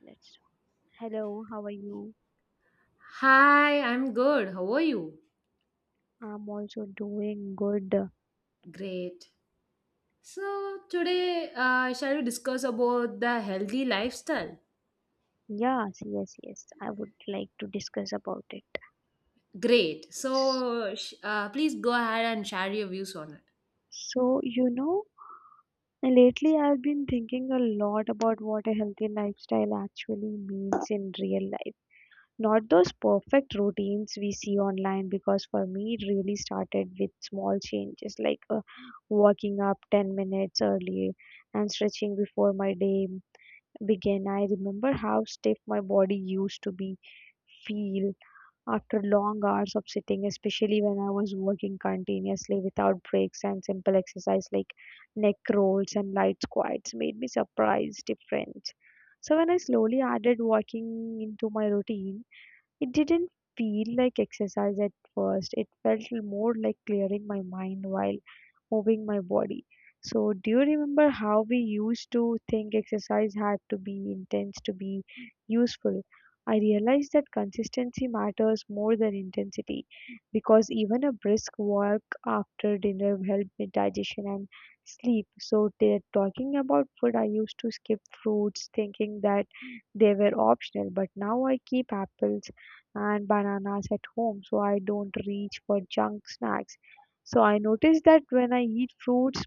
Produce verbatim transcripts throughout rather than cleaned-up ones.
Let's start. Hello, how are you? Hi, I'm good. How are you? I'm also doing good. Great. So, today uh, shall we discuss about the healthy lifestyle? Yeah, yes, yes, yes, I would like to discuss about it. Great. S- So, sh- uh, please go ahead and share your views on it. So, you know, Lately I've been thinking a lot about what a healthy lifestyle actually means in real life. Not those perfect routines we see online, because for me, it really started with small changes like uh, waking up ten minutes early and stretching before my day began. I remember how stiff my body used to be feel after long hours of sitting, especially when I was working continuously without breaks and simple exercise like neck rolls and light squats made me surprised different. So when I slowly added walking into my routine, it didn't feel like exercise at first, it felt more like clearing my mind while moving my body. So, do you remember how we used to think exercise had to be intense to be useful? I realized that consistency matters more than intensity because even a brisk walk after dinner helped with digestion and sleep. So, they're talking about food, I used to skip fruits thinking that they were optional, but now I keep apples and bananas at home, so I don't reach for junk snacks. So I noticed that when I eat fruits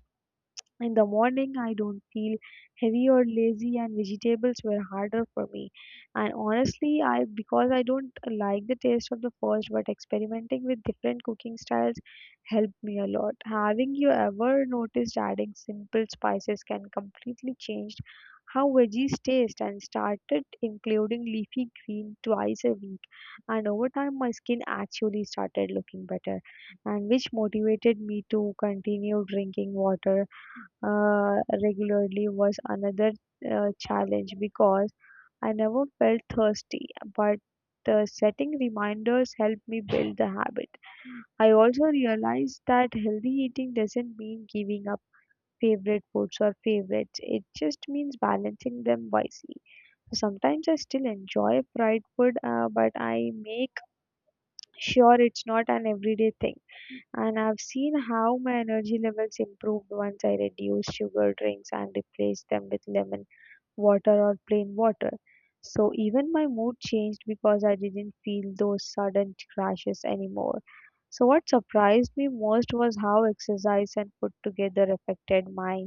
in the morning, I don't feel heavy or lazy, and vegetables were harder for me. And honestly, I because I don't like the taste of the first, but experimenting with different cooking styles helped me a lot. Having you ever noticed adding simple spices can completely change how veggies taste and started including leafy green twice a week, and over time my skin actually started looking better and which motivated me to continue drinking water uh, regularly was another uh, challenge because I never felt thirsty, but the setting reminders helped me build the habit. I also realized that healthy eating doesn't mean giving up favorite foods or favorites. It just means balancing them wisely. Sometimes I still enjoy fried food, uh, but I make sure it's not an everyday thing. And I've seen how my energy levels improved once I reduced sugar drinks and replaced them with lemon water or plain water. So even my mood changed because I didn't feel those sudden crashes anymore. So what surprised me most was how exercise and food together affected my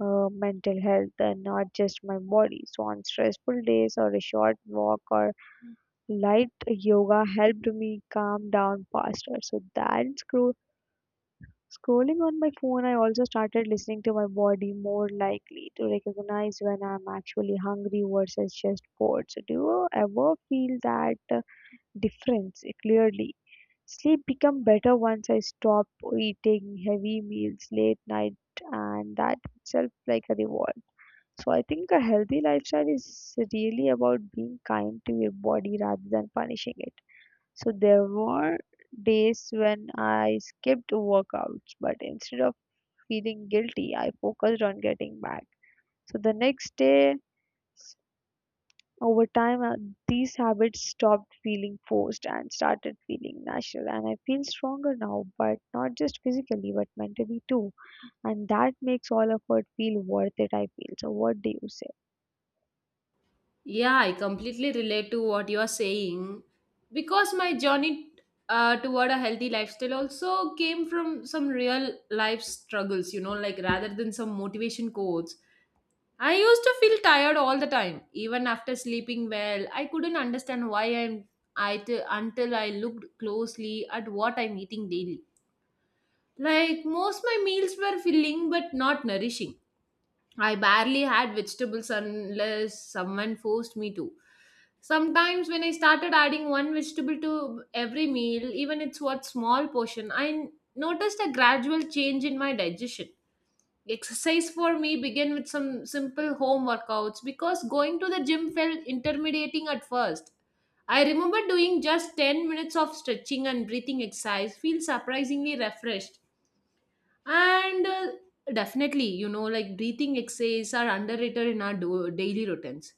uh, mental health and not just my body. So on stressful days or a short walk or light yoga helped me calm down faster. So that's grew scrolling on my phone, I also started listening to my body more likely to recognize when I'm actually hungry versus just bored. So, do you ever feel that uh, difference uh, clearly? Sleep become better once I stop eating heavy meals late night, and that itself like a reward. So I think a healthy lifestyle is really about being kind to your body rather than punishing it. So there were days when I skipped workouts, but instead of feeling guilty, I focused on getting back. So the next day, over time, uh, these habits stopped feeling forced and started feeling natural. And I feel stronger now, but not just physically, but mentally too. And that makes all effort feel worth it, I feel. So, what do you say? Yeah, I completely relate to what you are saying because my journey uh, toward a healthy lifestyle also came from some real life struggles, you know, like rather than some motivation quotes. I used to feel tired all the time, even after sleeping well. I couldn't understand why I'm I t- until I looked closely at what I'm eating daily. Like most my meals were filling but not nourishing. I barely had vegetables unless someone forced me to. Sometimes when I started adding one vegetable to every meal, even it's what small portion, I noticed a gradual change in my digestion. Exercise for me began with some simple home workouts because going to the gym felt intimidating at first. I remember doing just ten minutes of stretching and breathing exercise, feel surprisingly refreshed. And uh, definitely, you know, like breathing exercise are underrated in our do- daily routines.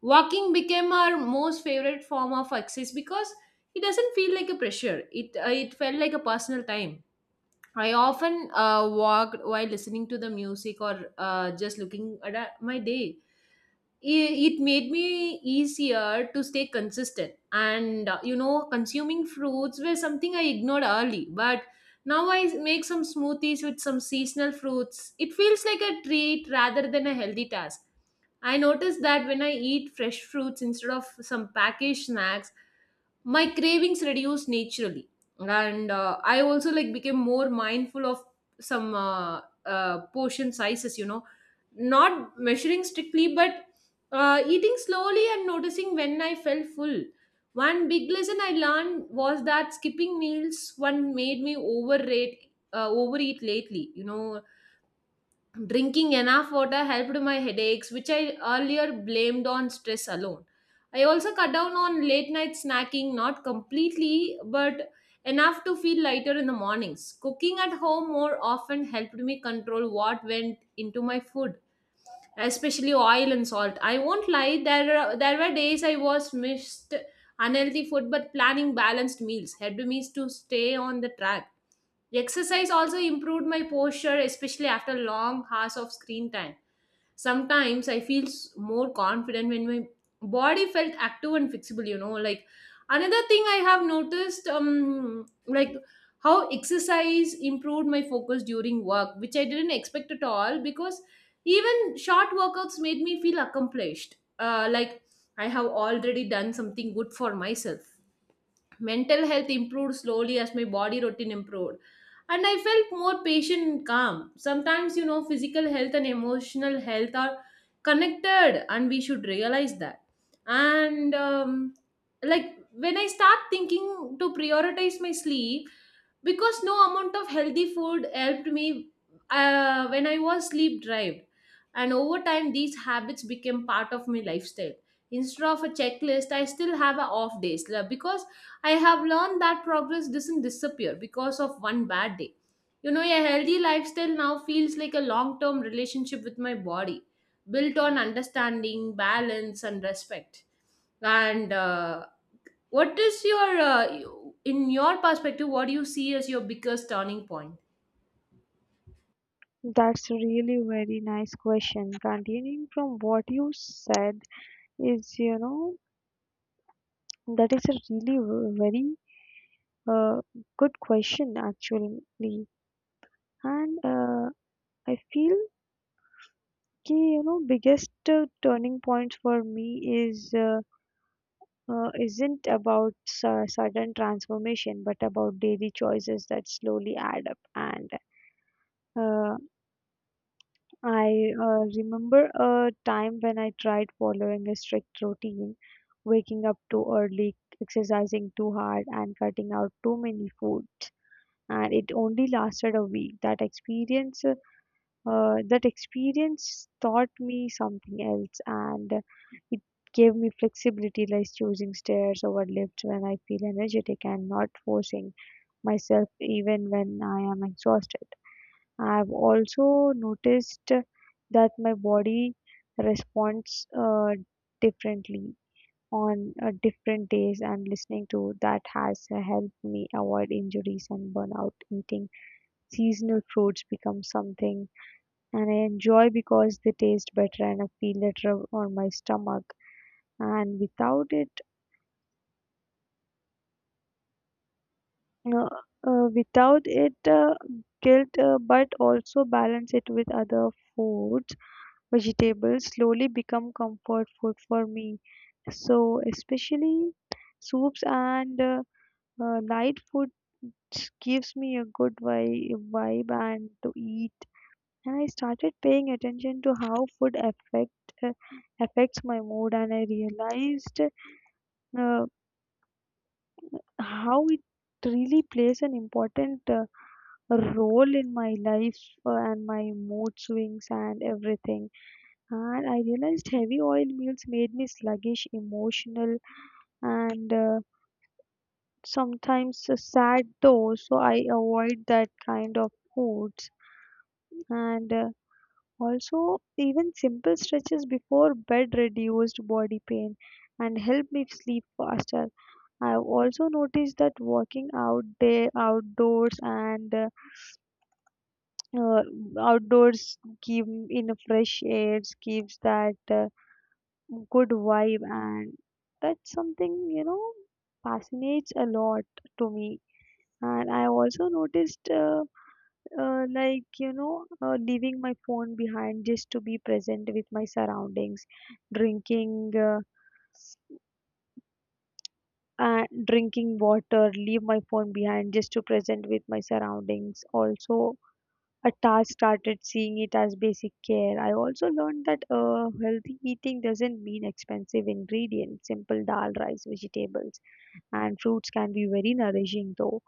Walking became our most favorite form of exercise because it doesn't feel like a pressure. It uh, it felt like a personal time. I often uh, walked while listening to the music or uh, just looking at uh, my day i- it made me easier to stay consistent and uh, you know consuming fruits were something I ignored early, but now I make some smoothies with some seasonal fruits. It feels like a treat rather than a healthy task. I noticed that when I eat fresh fruits instead of some packaged snacks, my cravings reduce naturally. And uh, I also like became more mindful of some uh, uh, portion sizes, you know, not measuring strictly but uh, eating slowly and noticing when I felt full. One big lesson I learned was that skipping meals one made me overrate, uh, overeat lately. You know, drinking enough water helped my headaches, which I earlier blamed on stress alone. I also cut down on late night snacking, not completely, but enough to feel lighter in the mornings. Cooking at home more often helped me control what went into my food, especially oil and salt. I won't lie, there, are- there were days I was missed unhealthy food, but planning balanced meals helped me to stay on the track. Exercise also improved my posture, especially after long hours of screen time. Sometimes I feel s- more confident when my body felt active and flexible, you know. Like another thing I have noticed, um, like how exercise improved my focus during work, which I didn't expect at all because even short workouts made me feel accomplished. Uh, like I have already done something good for myself. Mental health improved slowly as my body routine improved, and I felt more patient and calm sometimes. You know, physical health and emotional health are connected and we should realize that. And um, Like when I start thinking to prioritize my sleep, because no amount of healthy food helped me uh, when I was sleep deprived. And over time these habits became part of my lifestyle instead of a checklist. I still have a off days la- because I have learned that progress doesn't disappear because of one bad day. You know, a healthy lifestyle now feels like a long term relationship with my body, built on understanding, balance, and respect. And uh, what is your, uh, you- in your perspective, what do you see as your biggest turning point? That's really very nice question. Continuing from what you said is, you know, that is a really v- very uh, good question actually. And uh, I feel ki, you know, biggest uh, turning point for me is uh, uh, isn't about su- sudden transformation, but about daily choices that slowly add up and uh, I uh, remember a time when I tried following a strict routine, waking up too early, exercising too hard, and cutting out too many foods. And it only lasted a week. That experience, uh, that experience taught me something else, and it gave me flexibility, like choosing stairs over lifts when I feel energetic and not forcing myself even when I am exhausted. I've also noticed that my body responds uh, differently on uh, different days and listening to that has helped me avoid injuries and burnout. Eating seasonal fruits becomes something and I enjoy because they taste better and I feel better on my stomach. And without it, uh, uh, without it, uh, guilt, uh, but also balance it with other food vegetables slowly become comfort food for me. So especially soups and uh, uh, light foods gives me a good vi- vibe and to eat. And I started paying attention to how food affect uh, affects my mood, and I realized uh, how it really plays an important uh, role in my life uh, and my mood swings and everything. And I realized heavy oil meals made me sluggish, emotional, and uh, sometimes uh, sad though, so I avoid that kind of foods. And uh, also, even simple stretches before bed reduced body pain and helped me sleep faster. I've also noticed that walking out there outdoors and uh, uh, outdoors give in fresh air gives that uh, good vibe, and that's something, you know, fascinates a lot to me. And I also noticed uh, uh, like you know uh, leaving my phone behind just to be present with my surroundings drinking uh, uh, drinking water leave my phone behind just to present with my surroundings also at I started seeing it as basic care. I also learned that uh, healthy eating doesn't mean expensive ingredients. Simple dal, rice, vegetables, and fruits can be very nourishing though.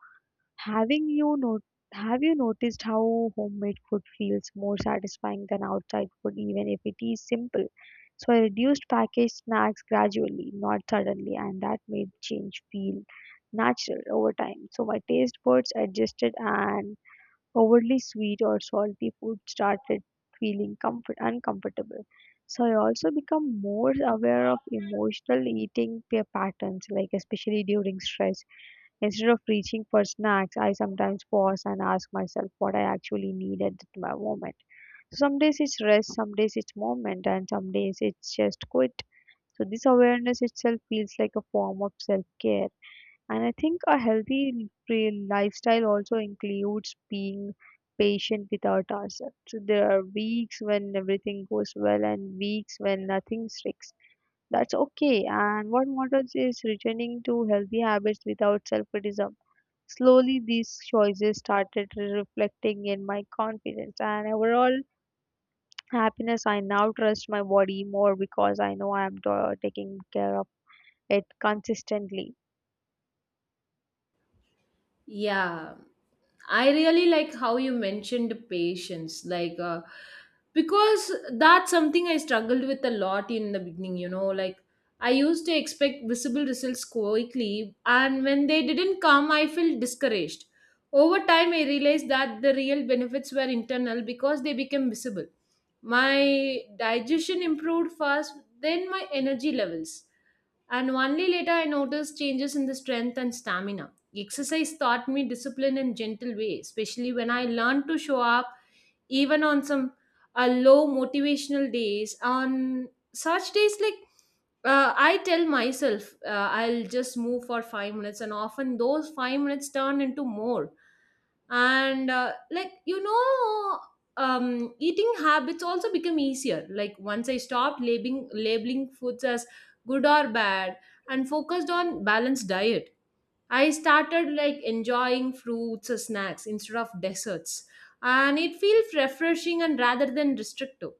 Having you not Have you noticed how homemade food feels more satisfying than outside food, even if it is simple? So I reduced packaged snacks gradually, not suddenly, and that made change feel natural over time. So my taste buds adjusted and overly sweet or salty food started feeling comfort, uncomfortable. So I also become more aware of emotional eating pa- patterns, like especially during stress. Instead of reaching for snacks, I sometimes pause and ask myself what I actually need at that mo- moment. So some days it's rest, some days it's moment, and some days it's just quit. So this awareness itself feels like a form of self-care. And I think a healthy real lifestyle also includes being patient with our ourselves. So there are weeks when everything goes well and weeks when nothing sticks. That's okay. And what matters is returning to healthy habits without self criticism. Slowly, these choices started reflecting in my confidence and overall happiness. I now trust my body more because I know I am ta- taking care of it consistently. Yeah, I really like how you mentioned patience, like uh, because that's something I struggled with a lot in the beginning. You know, like I used to expect visible results quickly, and when they didn't come, I felt discouraged. Over time, I realized that the real benefits were internal because they became visible. My digestion improved fast, then my energy levels, and only later I noticed changes in the strength and stamina. Exercise taught me discipline in gentle way, especially when I learned to show up even on some uh, low motivational days. On such days, like uh, I tell myself, uh, I'll just move for five minutes, and often those five minutes turn into more. And uh, like you know, um, eating habits also become easier. Like once I stopped labeling labeling foods as good or bad and focused on balanced diet, I started like enjoying fruits or snacks instead of desserts. And it feels refreshing and rather than restrictive.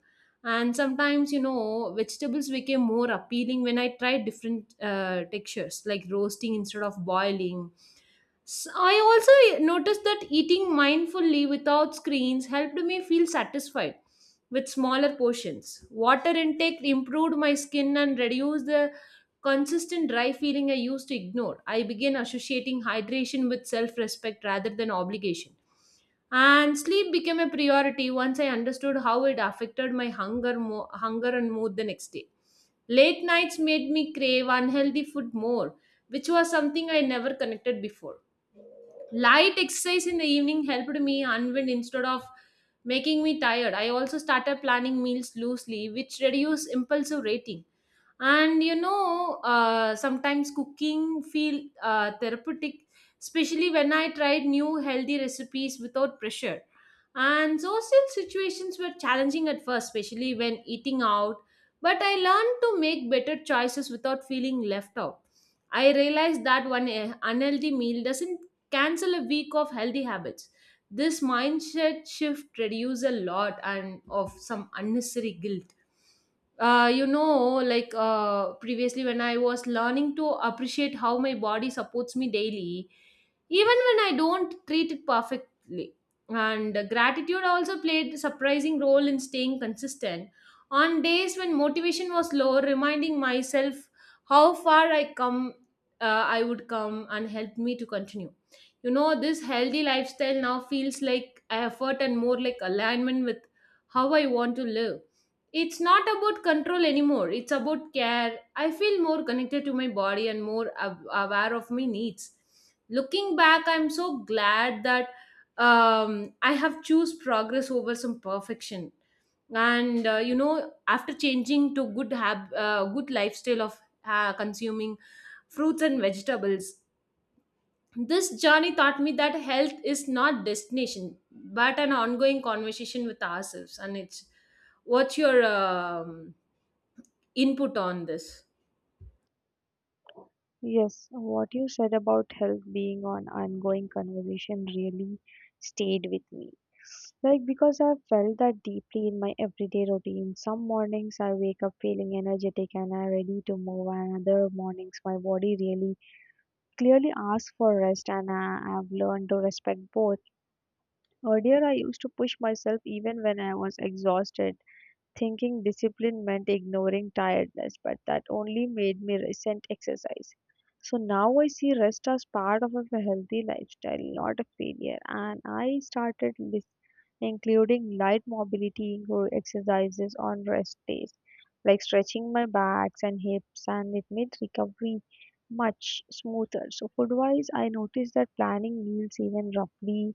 And sometimes, you know, vegetables became more appealing when I tried different uh, textures, like roasting instead of boiling. S- I also noticed that eating mindfully without screens helped me feel satisfied with smaller portions. Water intake improved my skin and reduced the consistent dry feeling I used to ignore. I began associating hydration with self respect rather than obligation. And sleep became a priority once I understood how it affected my hunger, mo- hunger and mood the next day. Late nights made me crave unhealthy food more, which was something I never connected before. Light exercise in the evening helped me unwind instead of making me tired. I also started planning meals loosely, which reduced impulsive rating. And you know, uh, sometimes cooking feel uh, therapeutic, especially when I tried new healthy recipes without pressure. And social situations were challenging at first, especially when eating out. But I learned to make better choices without feeling left out. I realized that one eh, unhealthy meal doesn't cancel a week of healthy habits. This mindset shift reduces a lot and of some unnecessary guilt. uh, you know like uh, previously when I was learning to appreciate how my body supports me daily, even when I don't treat it perfectly. And gratitude also played a surprising role in staying consistent. On days when motivation was low, reminding myself how far I come uh, I would come and helped me to continue. You know, this healthy lifestyle now feels like effort and more like alignment with how I want to live. It's not about control anymore, it's about care. I feel more connected to my body and more ab- aware of my needs. Looking back, I'm so glad that um, I have choose progress over some perfection. And uh, you know, after changing to good hab- uh, good lifestyle of uh, consuming fruits and vegetables, this journey taught me that health is not destination, but an ongoing conversation with ourselves. And it's what's your um, input on this? Yes, what you said about health being an ongoing conversation really stayed with me. Like, because I felt that deeply in my everyday routine. Some mornings I wake up feeling energetic and I'm ready to move, and other mornings my body really clearly asks for rest, and I, I've learned to respect both. Earlier, I used to push myself even when I was exhausted thinking discipline meant ignoring tiredness, but that only made me resent exercise. So now I see rest as part of a healthy lifestyle, not a failure. And I started lis- including light mobility exercises on rest days, like stretching my backs and hips, and it made recovery much smoother. So food wise, I noticed that planning meals even roughly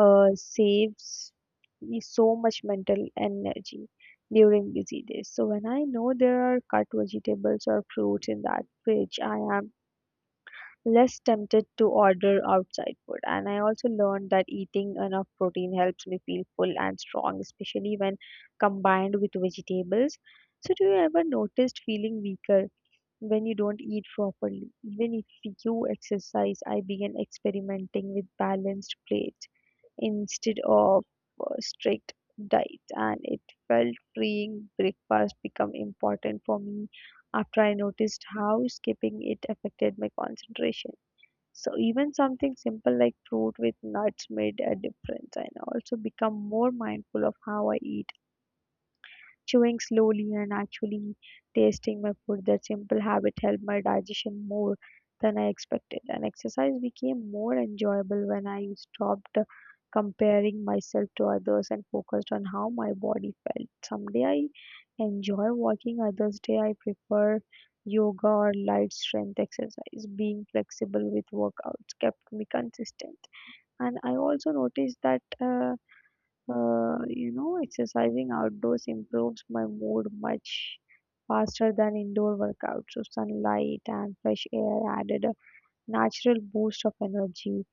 uh, saves me so much mental energy during busy days. So when I know there are cut vegetables or fruits in that fridge, I am less tempted to order outside food. And I also learned that eating enough protein helps me feel full and strong, especially when combined with vegetables. So do you ever noticed feeling weaker when you don't eat properly? Even if you exercise, I began experimenting with balanced plates instead of uh, strict diets and it felt freeing breakfast become important for me after I noticed how skipping it affected my concentration so even something simple like fruit with nuts made a difference and I also become more mindful of how I eat chewing slowly and actually tasting my food, that simple habit helped my digestion more than I expected. And exercise became more enjoyable when I stopped comparing myself to others and focused on how my body felt. Someday I enjoy walking, others day I prefer yoga or light strength exercise. Being flexible with workouts kept me consistent. And I also noticed that uh, uh, you know, exercising outdoors improves my mood much faster than indoor workouts. So sunlight and fresh air added a natural boost of energy.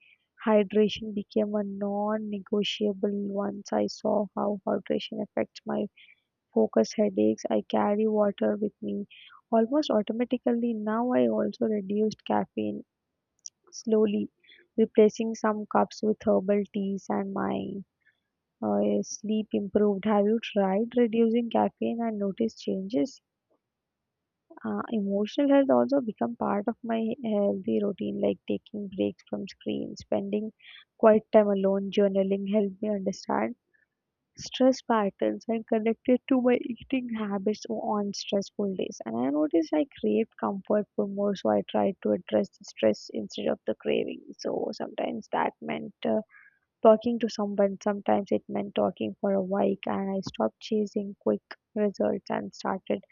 Hydration became a non-negotiable once I saw how hydration affects my focus headaches. I carry water with me almost automatically. Now I also reduced caffeine slowly, replacing some cups with herbal teas and my uh, sleep improved. Have you tried reducing caffeine and noticed changes? Uh, emotional health also become part of my healthy routine, like taking breaks from screen, spending quiet time alone, journaling helped me understand stress patterns and connected to my eating habits on stressful days. And I noticed I craved comfort food more, so I tried to address the stress instead of the craving. So sometimes that meant uh, talking to someone. Sometimes it meant talking for a week, and I stopped chasing quick results and started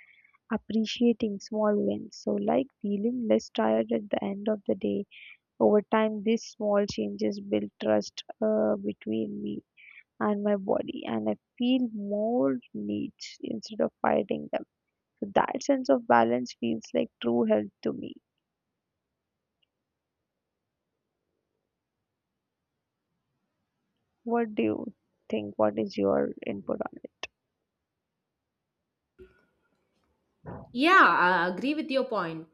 appreciating small wins. So, like feeling less tired at the end of the day, over time, these small changes built trust uh, between me and my body, and I feel more needs instead of fighting them. So that sense of balance feels like true health to me. What do you think? What is your input on it? Yeah, I agree with your point.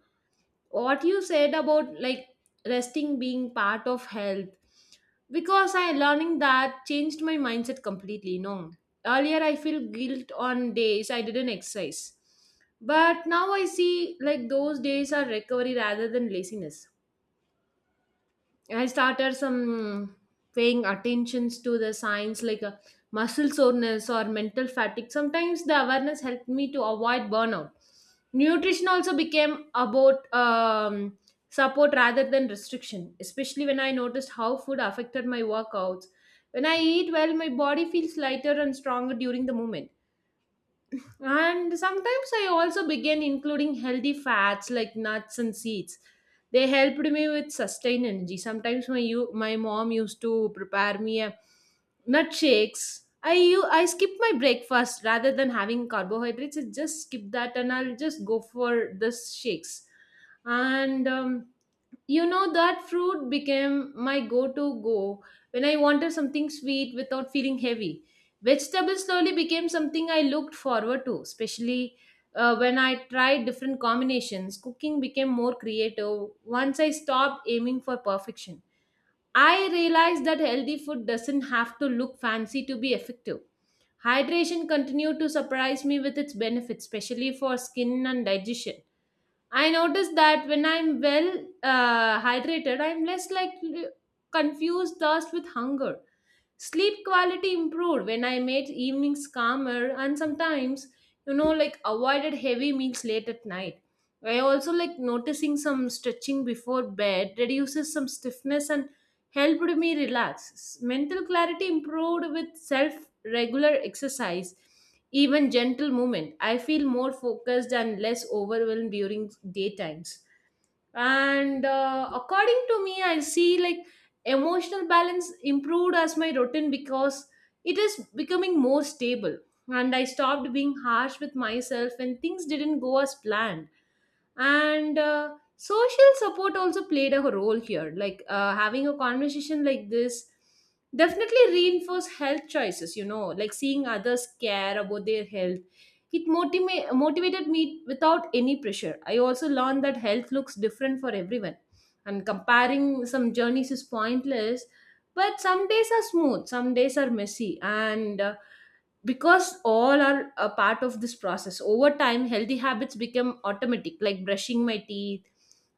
What you said about like resting being part of health, because I learning that changed my mindset completely. No, earlier I feel guilt on days I didn't exercise, but now I see like those days are recovery rather than laziness. I started some paying attentions to the signs like uh, muscle soreness or mental fatigue. Sometimes the awareness helped me to avoid burnout. Nutrition also became about um, support rather than restriction, especially when I noticed how food affected my workouts. When I eat well, my body feels lighter and stronger during the movement. And sometimes I also began including healthy fats like nuts and seeds. They helped me with sustained energy. Sometimes my you, my mom used to prepare me a nut shakes. I u- I skip my breakfast rather than having carbohydrates. I just skip that and I'll just go for this shakes. And um, you know, that fruit became my go to go when I wanted something sweet without feeling heavy. Vegetables slowly became something I looked forward to, especially uh, when I tried different combinations. Cooking became more creative once I stopped aiming for perfection. I realized that healthy food doesn't have to look fancy to be effective. Hydration continued to surprise me with its benefits, especially for skin and digestion. I notice that when I'm well uh, hydrated, I'm less likely confused thirst with hunger. Sleep quality improved when I made evenings calmer and sometimes, you know, like avoided heavy meals late at night. I also like noticing some stretching before bed reduces some stiffness and helped me relax. Mental clarity improved with self regular exercise, even gentle movement. I feel more focused and less overwhelmed during daytimes. And uh, according to me I see like emotional balance improved as my routine because it is becoming more stable. And I stopped being harsh with myself when things didn't go as planned. And uh, social support also played a role here, like uh, having a conversation like this definitely reinforce health choices. You know, like seeing others care about their health, it motiva- motivated me without any pressure. I also learned that health looks different for everyone, and comparing some journeys is pointless. But some days are smooth, some days are messy, and uh, because all are a part of this process. Over time, healthy habits become automatic, like brushing my teeth.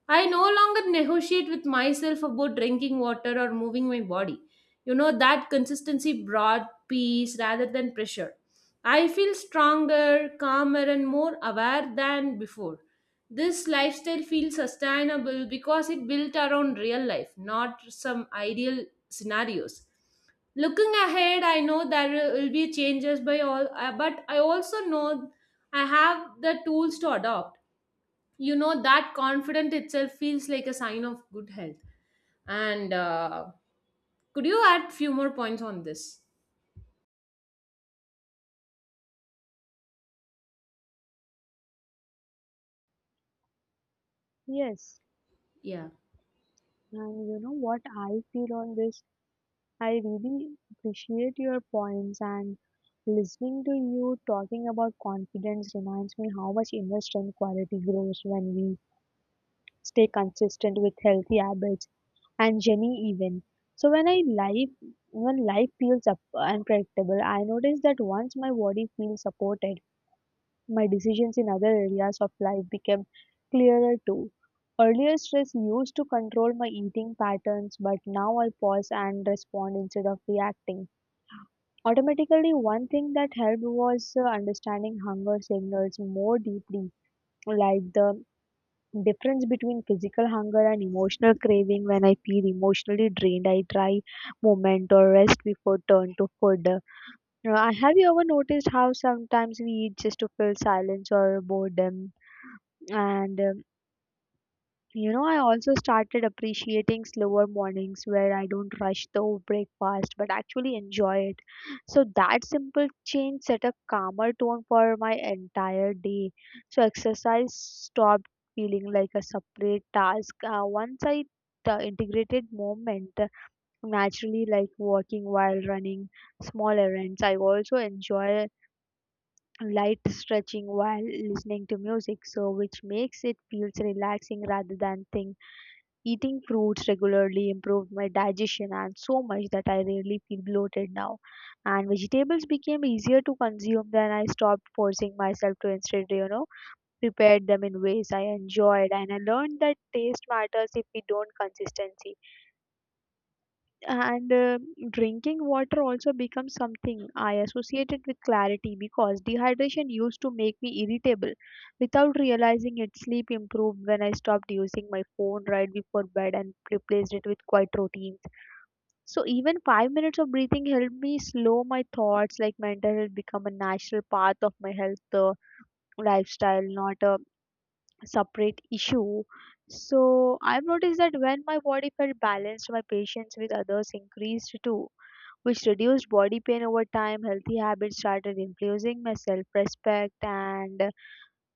I no longer negotiate with myself about drinking water or moving my body. You know that consistency brought peace rather than pressure. I feel stronger, calmer, and more aware than before. This lifestyle feels sustainable because it built around real life, not some ideal scenarios. Looking ahead, I know there will be changes by all, uh, but I also know I have the tools to adopt. You know that confidence itself feels like a sign of good health. And uh, Could you add few more points on this? Yes, Yeah. and you know what I feel on this? I really appreciate your points, and listening to you talking about confidence reminds me how much inner strength quality grows when we stay consistent with healthy habits and Jenny even. So when I life when life feels up unpredictable, I notice that once my body feels supported, my decisions in other areas of life become clearer too. Earlier stress used to control my eating patterns, but now I pause and respond instead of reacting automatically. One thing that helped was uh, understanding hunger signals more deeply, like the difference between physical hunger and emotional craving. When I feel emotionally drained, I try movement or rest before turn to food. Uh, have you ever noticed how sometimes we eat just to fill silence or boredom? And uh, you know, I also started appreciating slower mornings where I don't rush the breakfast but actually enjoy it. So that simple change set a calmer tone for my entire day. So exercise stopped feeling like a separate task. Uh, once I uh, integrated movement naturally, like walking while running small errands. I also enjoy light stretching while listening to music, so which makes it feels relaxing rather than thing. Eating fruits regularly improved my digestion and so much that I rarely feel bloated now. And vegetables became easier to consume than I stopped forcing myself to. Instead, you know, prepared them in ways I enjoyed. And I learned that taste matters if we don't consistency. And uh, drinking water also becomes something I associated with clarity because dehydration used to make me irritable. Without realizing it, sleep improved when I stopped using my phone right before bed and replaced it with quiet routines. So even five minutes of breathing helped me slow my thoughts, like mental health become a natural part of my health uh, lifestyle, not a separate issue. So I've noticed that when my body felt balanced, my patience with others increased too, which reduced body pain over time. Healthy habits started influencing my self respect, and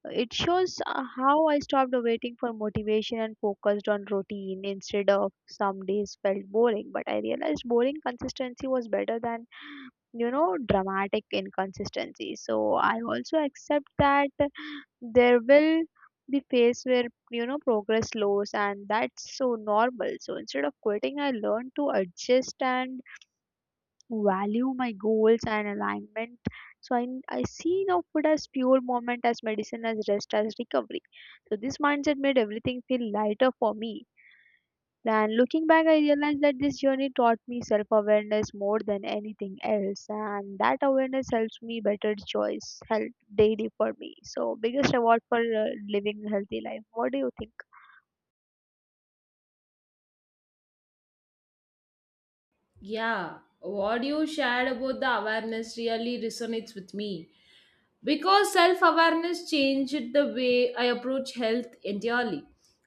it shows uh, how I stopped waiting for motivation and focused on routine instead. Of some days felt boring, but I realized boring consistency was better than you know dramatic inconsistency. So I also accept that there will be phase where you know progress slows and that's so normal. So instead of quitting, I learned to adjust and value my goals and alignment. So I, I see now food as fuel, moment as medicine, as rest, as recovery. So this mindset made everything feel lighter for me. Then looking back, I realized that this journey taught me self awareness more than anything else, and that awareness helps me better choice health daily for me. So biggest reward for uh, living a healthy life. What do you think? Yeah, what you shared about the awareness really resonates with me. Because self awareness changed the way I approach health entirely.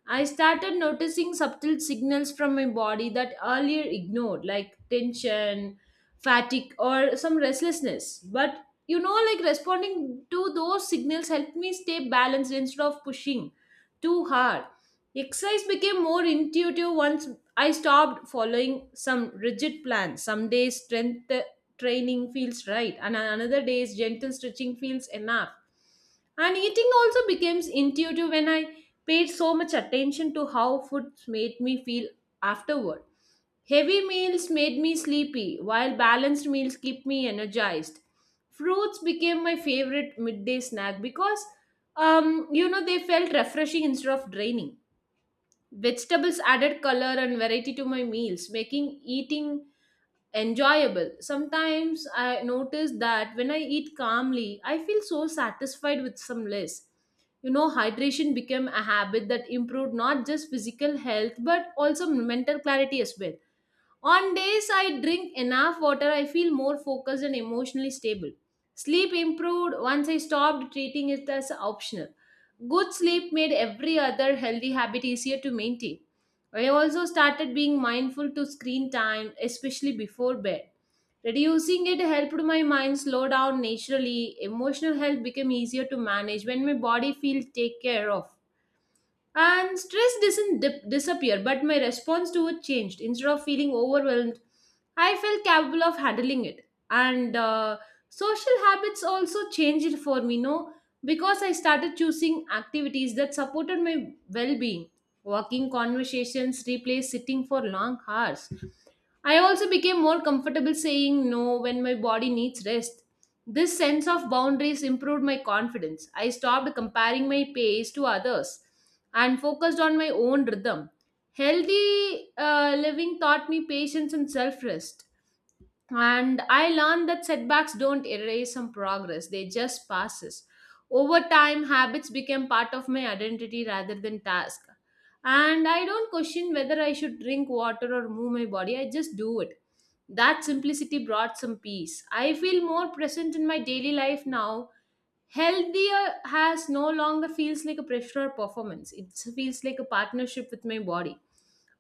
I started noticing subtle signals from my body that earlier ignored, like tension, fatigue, or some restlessness. But you know, like responding to those signals helped me stay balanced instead of pushing too hard. Exercise became more intuitive once I stopped following some rigid plans. Some days strength training feels right, and another day's gentle stretching feels enough. And eating also becomes intuitive when I paid so much attention to how food made me feel afterward. Heavy meals made me sleepy, while balanced meals keep me energized. Fruits became my favorite midday snack because um, you know they felt refreshing instead of draining. Vegetables added color and variety to my meals, making eating enjoyable. Sometimes I notice that when I eat calmly, I feel so satisfied with some less. You know, hydration became a habit that improved not just physical health but also mental clarity as well. On days I drink enough water, I feel more focused and emotionally stable. Sleep improved once I stopped treating it as optional. Good sleep made every other healthy habit easier to maintain. I also started being mindful to screen time, especially before bed. Reducing it helped my mind slow down naturally. Emotional health became easier to manage when my body feels take care of. And stress doesn't dip- disappear, but my response to it changed. Instead of feeling overwhelmed, I felt capable of handling it. And uh, Social habits also changed for me, no? Because I started choosing activities that supported my well being. Walking conversations replaced sitting for long hours. I also became more comfortable saying no when my body needs rest. This sense of boundaries improved my confidence. I stopped comparing my pace to others and focused on my own rhythm. Healthy uh, living taught me patience and self rest, and I learned that setbacks don't erase some progress, they just passes. Over time, habits became part of my identity rather than task, and I don't question whether I should drink water or move my body, I just do it. That simplicity brought some peace. I feel more present in my daily life now. Healthier has no longer feels like a pressure or performance, it feels like a partnership with my body.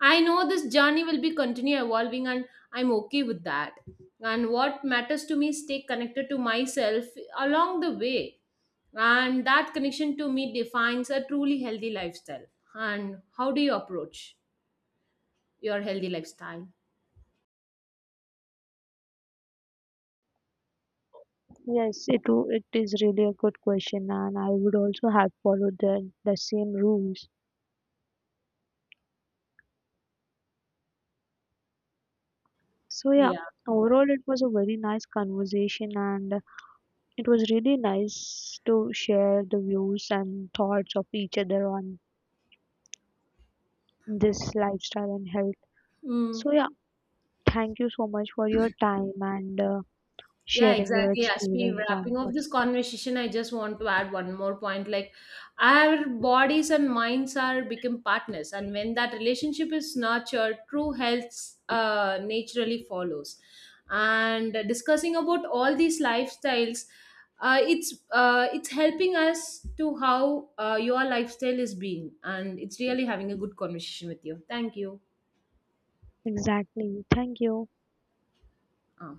I know this journey will be continue evolving, and I'm okay with that. And what matters to me is stay connected to myself along the way. And that connection to me defines a truly healthy lifestyle. And how do you approach your healthy lifestyle? Yes, it wo- it is really a good question, and I would also have followed the the same rules. So yeah, Yeah. overall it was a very nice conversation, and it was really nice to share the views and thoughts of each other on this lifestyle and health. Mm. So yeah, thank you so much for your time and uh, Yeah, sharing your exactly. As we experience on wrapping up what this conversation, I just want to add one more point. Like our bodies and minds are become partners, and when that relationship is nurtured, true health uh, naturally follows. And discussing about all these lifestyles, uh, it's uh, it's helping us to how uh, your lifestyle is being, and it's really having a good conversation with you. Thank you. exactly. Thank you. Uh.